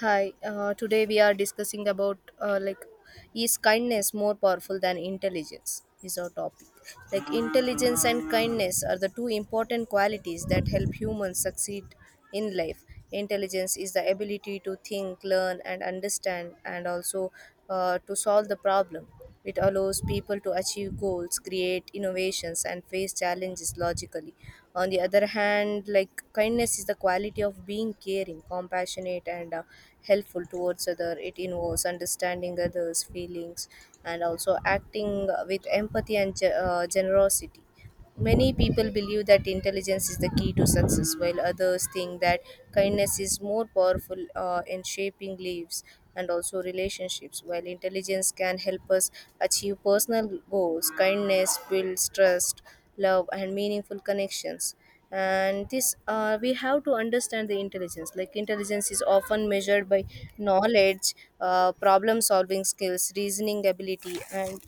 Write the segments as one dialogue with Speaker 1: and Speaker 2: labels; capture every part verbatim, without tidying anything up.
Speaker 1: Hi, uh, today we are discussing about uh, like is kindness more powerful than intelligence is our topic. Like intelligence and kindness are the two important qualities that help humans succeed in life. Intelligence is the ability to think, learn and understand and also uh, to solve the problem, it allows people to achieve goals, create innovations, and face challenges logically. On the other hand, like kindness is the quality of being caring, compassionate, and uh, helpful towards other. It involves understanding others' feelings and also acting with empathy and ge- uh, generosity. Many people believe that intelligence is the key to success, while others think that kindness is more powerful uh, in shaping lives and also relationships. While intelligence can help us achieve personal goals, kindness builds trust, love, and meaningful connections. And this, uh, we have to understand the intelligence. Like intelligence is often measured by knowledge, uh, problem-solving skills, reasoning ability, and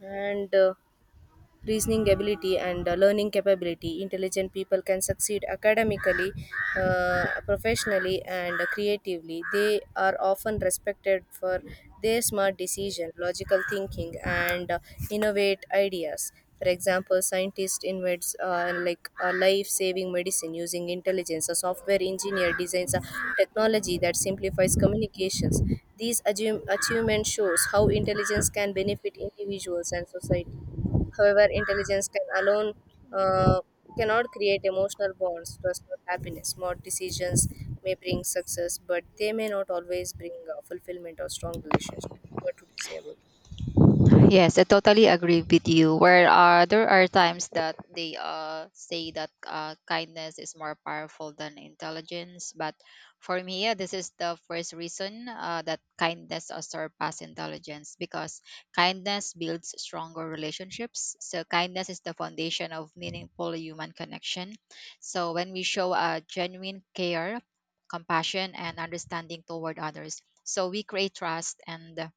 Speaker 1: and uh, reasoning ability and uh, learning capability. Intelligent people can succeed academically, uh, professionally and creatively. They are often respected for their smart decision, logical thinking and uh, innovate ideas. For example, scientists invents uh, like a life-saving medicine using intelligence, a software engineer designs a technology that simplifies communications. These achieve- achievements shows how intelligence can benefit individuals and society. However, intelligence can alone uh, cannot create emotional bonds, trust, or happiness. Smart decisions may bring success, but they may not always bring uh, fulfillment or strong relationships. What would you say about it?
Speaker 2: Yes, I totally agree with you. Where uh, there are times that they uh, say that uh, kindness is more powerful than intelligence, but for me, yeah, this is the first reason uh, that kindness uh, surpass intelligence because kindness builds stronger relationships. So kindness is the foundation of meaningful human connection. So when we show a genuine care, compassion, and understanding toward others, so we create trust and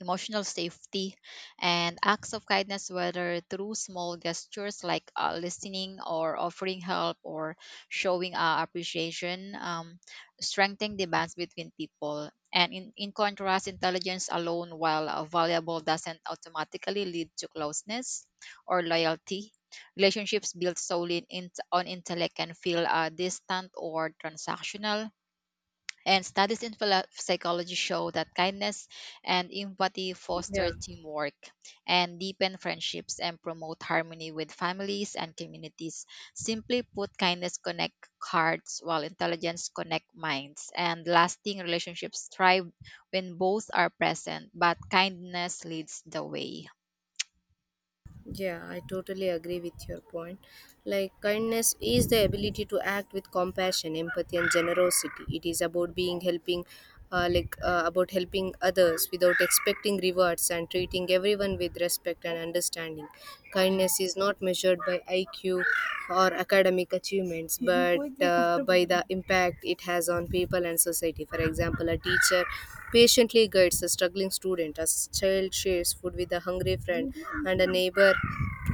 Speaker 2: emotional safety, and acts of kindness, whether through small gestures like uh, listening or offering help or showing uh, appreciation, um, strengthen the bonds between people. And in, in contrast, intelligence alone, while uh, valuable, doesn't automatically lead to closeness or loyalty. Relationships built solely in, on intellect can feel uh, distant or transactional, and studies in philo- psychology show that kindness and empathy foster
Speaker 1: Yeah.
Speaker 2: teamwork and deepen friendships and promote harmony with families and communities. Simply put, kindness connect hearts while intelligence connect minds. And lasting relationships thrive when both are present, but kindness leads the way.
Speaker 1: Yeah, I totally agree with your point. Like, kindness is the ability to act with compassion, empathy, and generosity. It is about being helping, uh, like, uh, about helping others without expecting rewards and treating everyone with respect and understanding.
Speaker 2: Mm-hmm.
Speaker 1: Kindness is not measured by I Q or academic achievements, but uh, by the the impact it has on people and society. For example, a teacher patiently guides a struggling student, a s- child shares food with a hungry friend, and a neighbor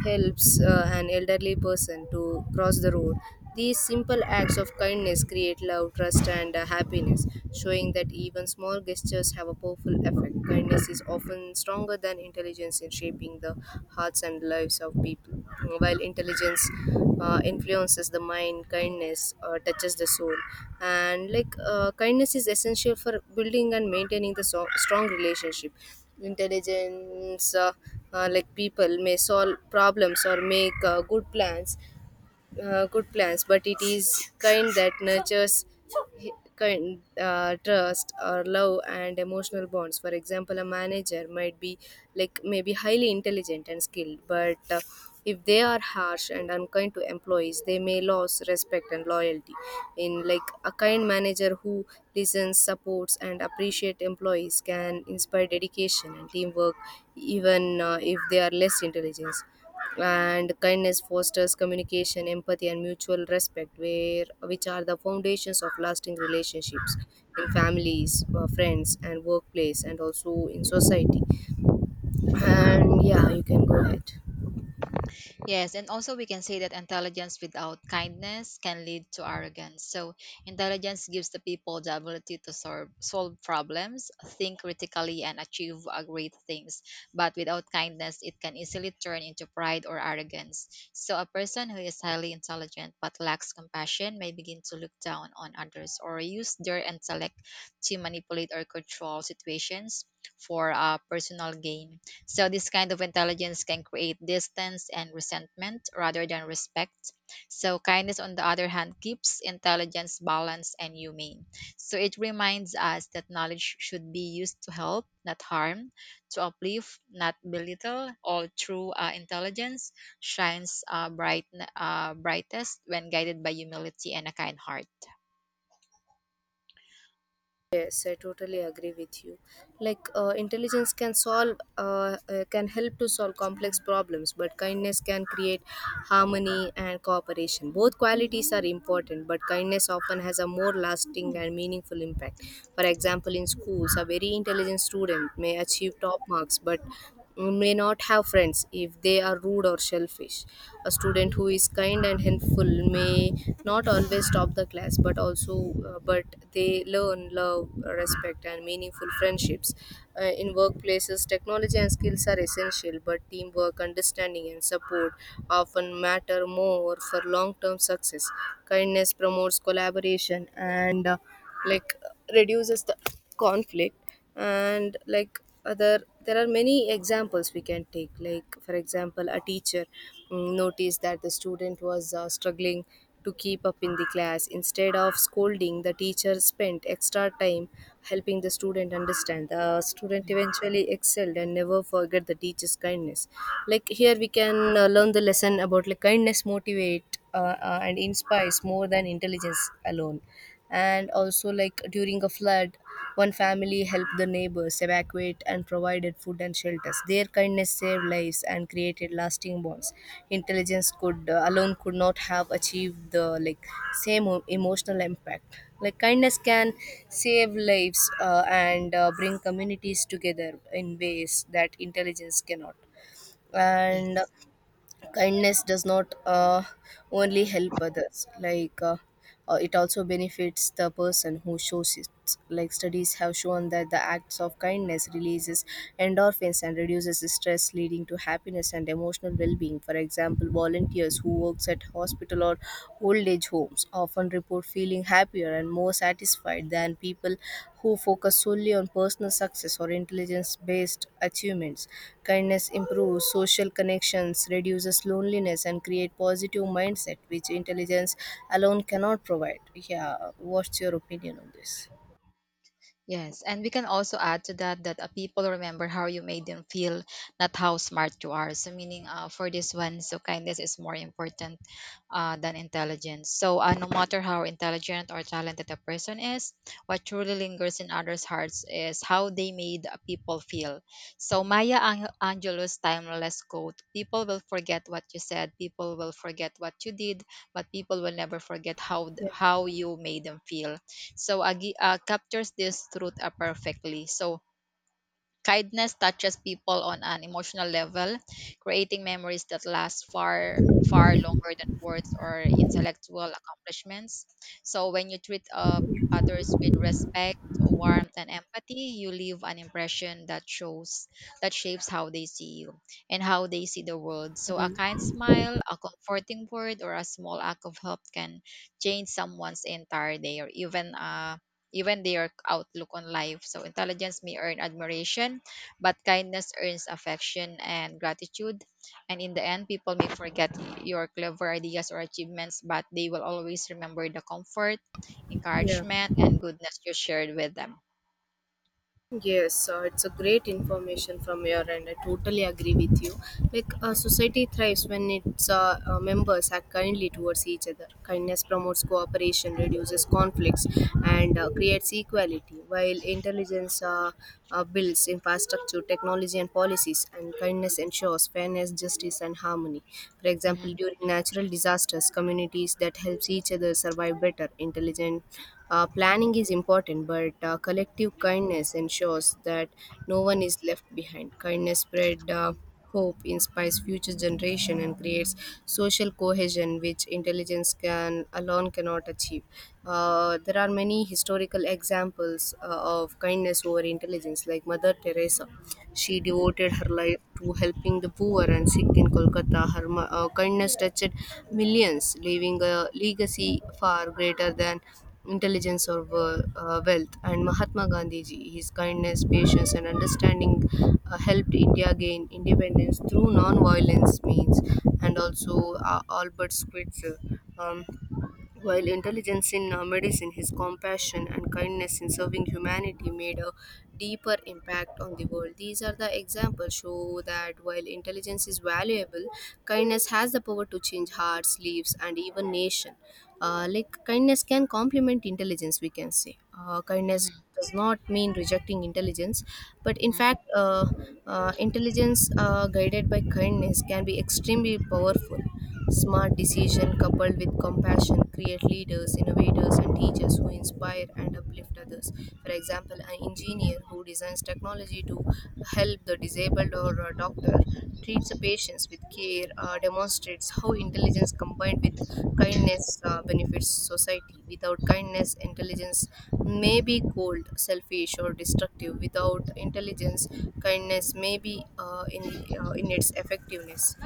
Speaker 1: helps uh, an elderly person to cross the road. These simple acts of kindness create love, trust, and uh, happiness, showing that even small gestures have a powerful effect. Kindness is is often stronger than intelligence in shaping the hearts and lives of people. While intelligence uh, influences the mind, kindness uh, touches the soul. And like uh, kindness is essential for building and maintaining the so- strong relationship. Intelligence, uh, uh, like people, may solve problems or make uh, good plans, uh, good plans, but it is kind that nurtures hi- kind uh, trust or love and emotional bonds. For example, a manager might be like maybe highly intelligent and skilled, but uh, if they are harsh and unkind to employees, they may lose respect and loyalty. In like a kind manager who listens, supports, and appreciate employees can inspire dedication and teamwork, even uh, if they are less intelligent, and kindness fosters communication, empathy and mutual respect, where which are the foundations of lasting relationships in families, uh, friends and workplace and also in society, and yeah you can go ahead.
Speaker 2: Yes, and also we can say that intelligence without kindness can lead to arrogance. So, intelligence gives the people the ability to solve, solve problems, think critically, and achieve uh, great things. But without kindness, it can easily turn into pride or arrogance. So, a person who is highly intelligent but lacks compassion may begin to look down on others or use their intellect to manipulate or control situations for uh, personal gain. So, this kind of intelligence can create distance and resentment rather than respect. So, kindness, on the other hand, keeps intelligence balanced and humane. So, it reminds us that knowledge should be used to help, not harm, to uplift, not belittle. All true uh, intelligence shines uh, bright, uh, brightest when guided by humility and a kind heart.
Speaker 1: Yes, I totally agree with you. Like uh, intelligence can solve, uh, uh, can help to solve complex problems, but kindness can create harmony and cooperation. Both qualities are important, but kindness often has a more lasting and meaningful impact. For example, in schools, a very intelligent student may achieve top marks, but may not have friends if they are rude or selfish. A student who is kind and helpful may not always top the class, but also uh, but they learn love, respect, and meaningful friendships. Uh, in workplaces, technology and skills are essential, but teamwork, understanding, and support often matter more for long-term success. Kindness promotes collaboration and uh, like reduces the conflict, and like other there are many examples we can take. Like for example, a teacher mm, noticed that the student was uh, struggling to keep up in the class. Instead of scolding, the teacher spent extra time helping the student understand. The student
Speaker 2: Mm.
Speaker 1: eventually excelled and never forget the teacher's kindness. Like here we can uh, learn the lesson about, like, kindness motivate uh, uh, and inspires more than intelligence alone. And also, like, during a flood, one family helped the neighbors evacuate and provided food and shelters. Their kindness saved lives and created lasting bonds. Intelligence could uh, alone could not have achieved the like same o- emotional impact. Like kindness can save lives uh, and uh, bring communities together in ways that intelligence cannot. And
Speaker 2: Yes.
Speaker 1: kindness does not uh, only help others, like uh, uh, it also benefits the person who shows it. Like studies have shown that the acts of kindness releases endorphins and reduces stress, leading to happiness and emotional well-being. For example, volunteers who works at hospital or old age homes often report feeling happier and more satisfied than people who focus solely on personal success or intelligence based achievements. Kindness improves social connections, reduces loneliness, and create positive mindset, which intelligence alone cannot provide. Yeah, what's your opinion on this?
Speaker 2: Yes, and we can also add to that that uh, people remember how you made them feel, not how smart you are. So, meaning uh, for this one, so kindness is more important uh, than intelligence. So, uh, no matter how intelligent or talented a person is, what truly lingers in others' hearts is how they made people feel. So, Maya Ang- Angelou's timeless quote, People will forget what you said, people will forget what you did, but people will never forget how,
Speaker 1: Yeah.
Speaker 2: how you made them feel. So, Agi uh, captures this truth uh, perfectly. So, kindness touches people on an emotional level, creating memories that last far, far longer than words or intellectual accomplishments. So, when you treat uh, others with respect, warmth, and empathy, you leave an impression that shows, that shapes how they see you and how they see the world. So, a kind smile, a comforting word, or a small act of help can change someone's entire day or even uh, even their outlook on life. So intelligence may earn admiration, but kindness earns affection and gratitude. And in the end, people may forget your clever ideas or achievements, but they will always remember the comfort,
Speaker 1: Yeah.
Speaker 2: encouragement, and goodness you shared with them.
Speaker 1: Yes, uh, it's a great information from your end. I totally agree with you. Like a society thrives when its uh, uh, members act kindly towards each other. Kindness promotes cooperation, reduces conflicts, and uh, creates equality. While intelligence uh, uh, builds infrastructure, technology, and policies, and kindness ensures fairness, justice, and harmony. For
Speaker 2: Mhm,
Speaker 1: example, during natural disasters, communities that helps each other survive better. Intelligent uh, planning is important, but uh, collective kindness ensures that no one is left behind. Kindness spread uh, hope, inspires future generation, and creates social cohesion, which intelligence can alone cannot achieve. Uh, there are many historical examples uh, of kindness over intelligence, like Mother Teresa. She devoted her life to helping the poor and sick in Kolkata. Her ma- uh, kindness touched millions, leaving a legacy far greater than intelligence or wo- uh, wealth. And Mahatma Gandhiji, his kindness, patience, and understanding uh, helped India gain independence through non-violence means. And also uh, Albert Schweitzer. Um, while intelligence in uh, medicine, his compassion and kindness in serving humanity made a deeper impact on the world. These are the examples show that while intelligence is valuable, kindness has the power to change hearts, lives, and even nation. Uh, like kindness can complement intelligence, we can say. Uh, kindness
Speaker 2: mhm,
Speaker 1: does not mean rejecting intelligence, but in
Speaker 2: mhm.
Speaker 1: fact, uh, uh, intelligence uh, guided by kindness can be extremely powerful. Smart decision coupled with compassion create leaders, innovators, and teachers who inspire and uplift others. For example, an engineer who designs technology to help the disabled, or a doctor treats the patients with care, uh, demonstrates how intelligence combined with kindness uh, benefits society. Without kindness, intelligence may be cold, selfish, or destructive. Without intelligence, kindness may be uh, in uh, in its effectiveness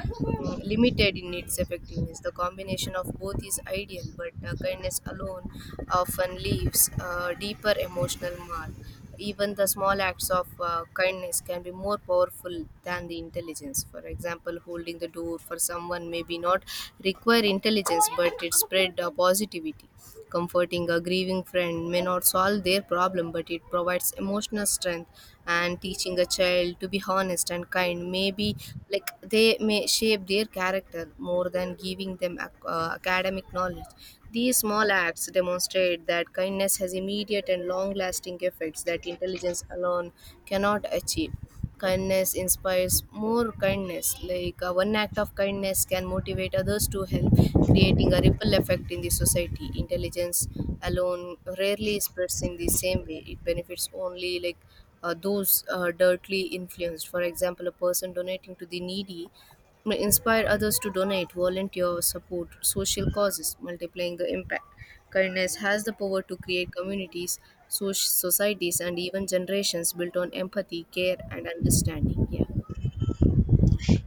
Speaker 1: limited in its effectiveness. The combination of both is ideal, but uh, kindness alone often leaves a deeper emotional mark. Even the small acts of uh, kindness can be more powerful than the intelligence. For example, holding the door for someone may be not require intelligence, but it spread uh, positivity. Comforting a grieving friend may not solve their problem, but it provides emotional strength. And teaching a child to be honest and kind may be like they may shape their character more than giving them ac- uh, academic knowledge. These small acts demonstrate that kindness has immediate and long lasting effects that intelligence alone cannot achieve. Kindness inspires more kindness. Like uh, one act of kindness can motivate others to help, creating a ripple effect in the society. Intelligence alone rarely spreads in the same way, it benefits only like uh, those uh, directly influenced. For example, a person donating to the needy may inspire others to donate, volunteer, support social causes, multiplying the impact. Kindness has the power to create communities, so- societies, and even generations built on empathy, care, and understanding. Yeah.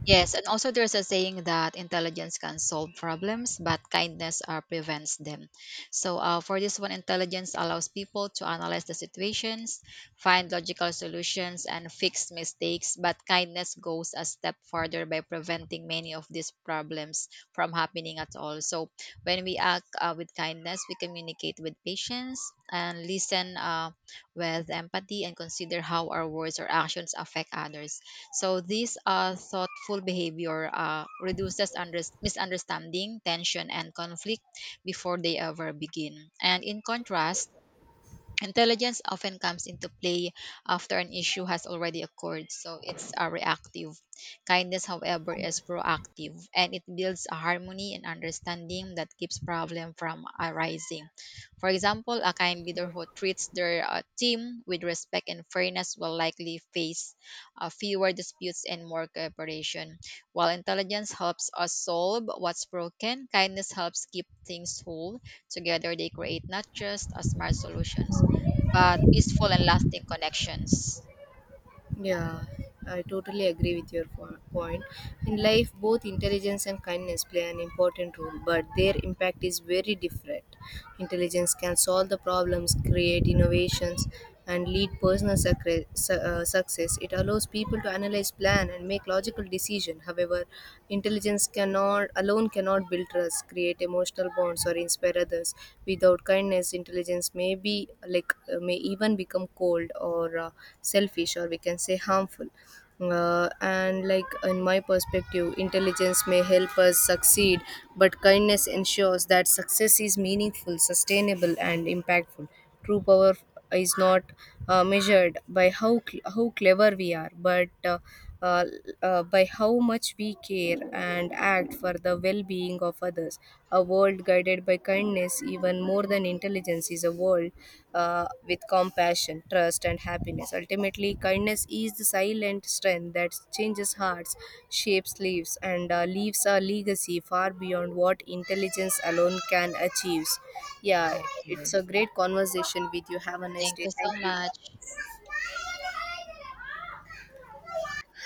Speaker 2: Yes, and also there's a saying that intelligence can solve problems, but kindness uh, prevents them. So, uh, for this one, intelligence allows people to analyze the situations, find logical solutions, and fix mistakes. But kindness goes a step further by preventing many of these problems from happening at all. So, when we act uh, with kindness, we communicate with patience and listen uh, with empathy and consider how our words or actions affect others. So these uh, thoughtful behavior uh, reduces under- misunderstanding, tension, and conflict before they ever begin. And in contrast, intelligence often comes into play after an issue has already occurred, so it's uh, reactive. Kindness, however, is proactive and it builds a harmony and understanding that keeps problem from arising. For example, a kind leader who treats their uh, team with respect and fairness will likely face uh, fewer disputes and more cooperation. While intelligence helps us solve what's broken, kindness helps keep things whole. Together, they create not just a smart solution but peaceful and lasting connections.
Speaker 1: Yeah, I totally agree with your po- point. In life, both intelligence and kindness play an important role, but their impact is very different. Intelligence can solve the problems, create innovations, and lead personal sucre- su- uh, success. It allows allows people to analyze, plan, and make logical decisions. However, intelligence cannot alone cannot build trust, create emotional bonds, or inspire others. Without kindness, intelligence may be like uh, may even become cold or uh, selfish, or we can say harmful. Uh, and like in my perspective, intelligence may help us succeed, but kindness ensures that success is meaningful, sustainable and impactful. True power is not uh, measured by how cl- how clever we are, but uh, uh, uh, by how much we care and act for the well being of others. A world guided by kindness, even more than intelligence, is a world uh, with compassion, trust, and happiness. Ultimately, kindness is the silent strength that changes hearts, shapes lives, and uh, leaves a legacy far beyond what intelligence alone can achieve. Yeah,
Speaker 2: Okay.
Speaker 1: it's a great conversation with you. Have a nice
Speaker 2: Thank
Speaker 1: day.
Speaker 2: you
Speaker 1: Thank
Speaker 2: so
Speaker 1: you.
Speaker 2: much.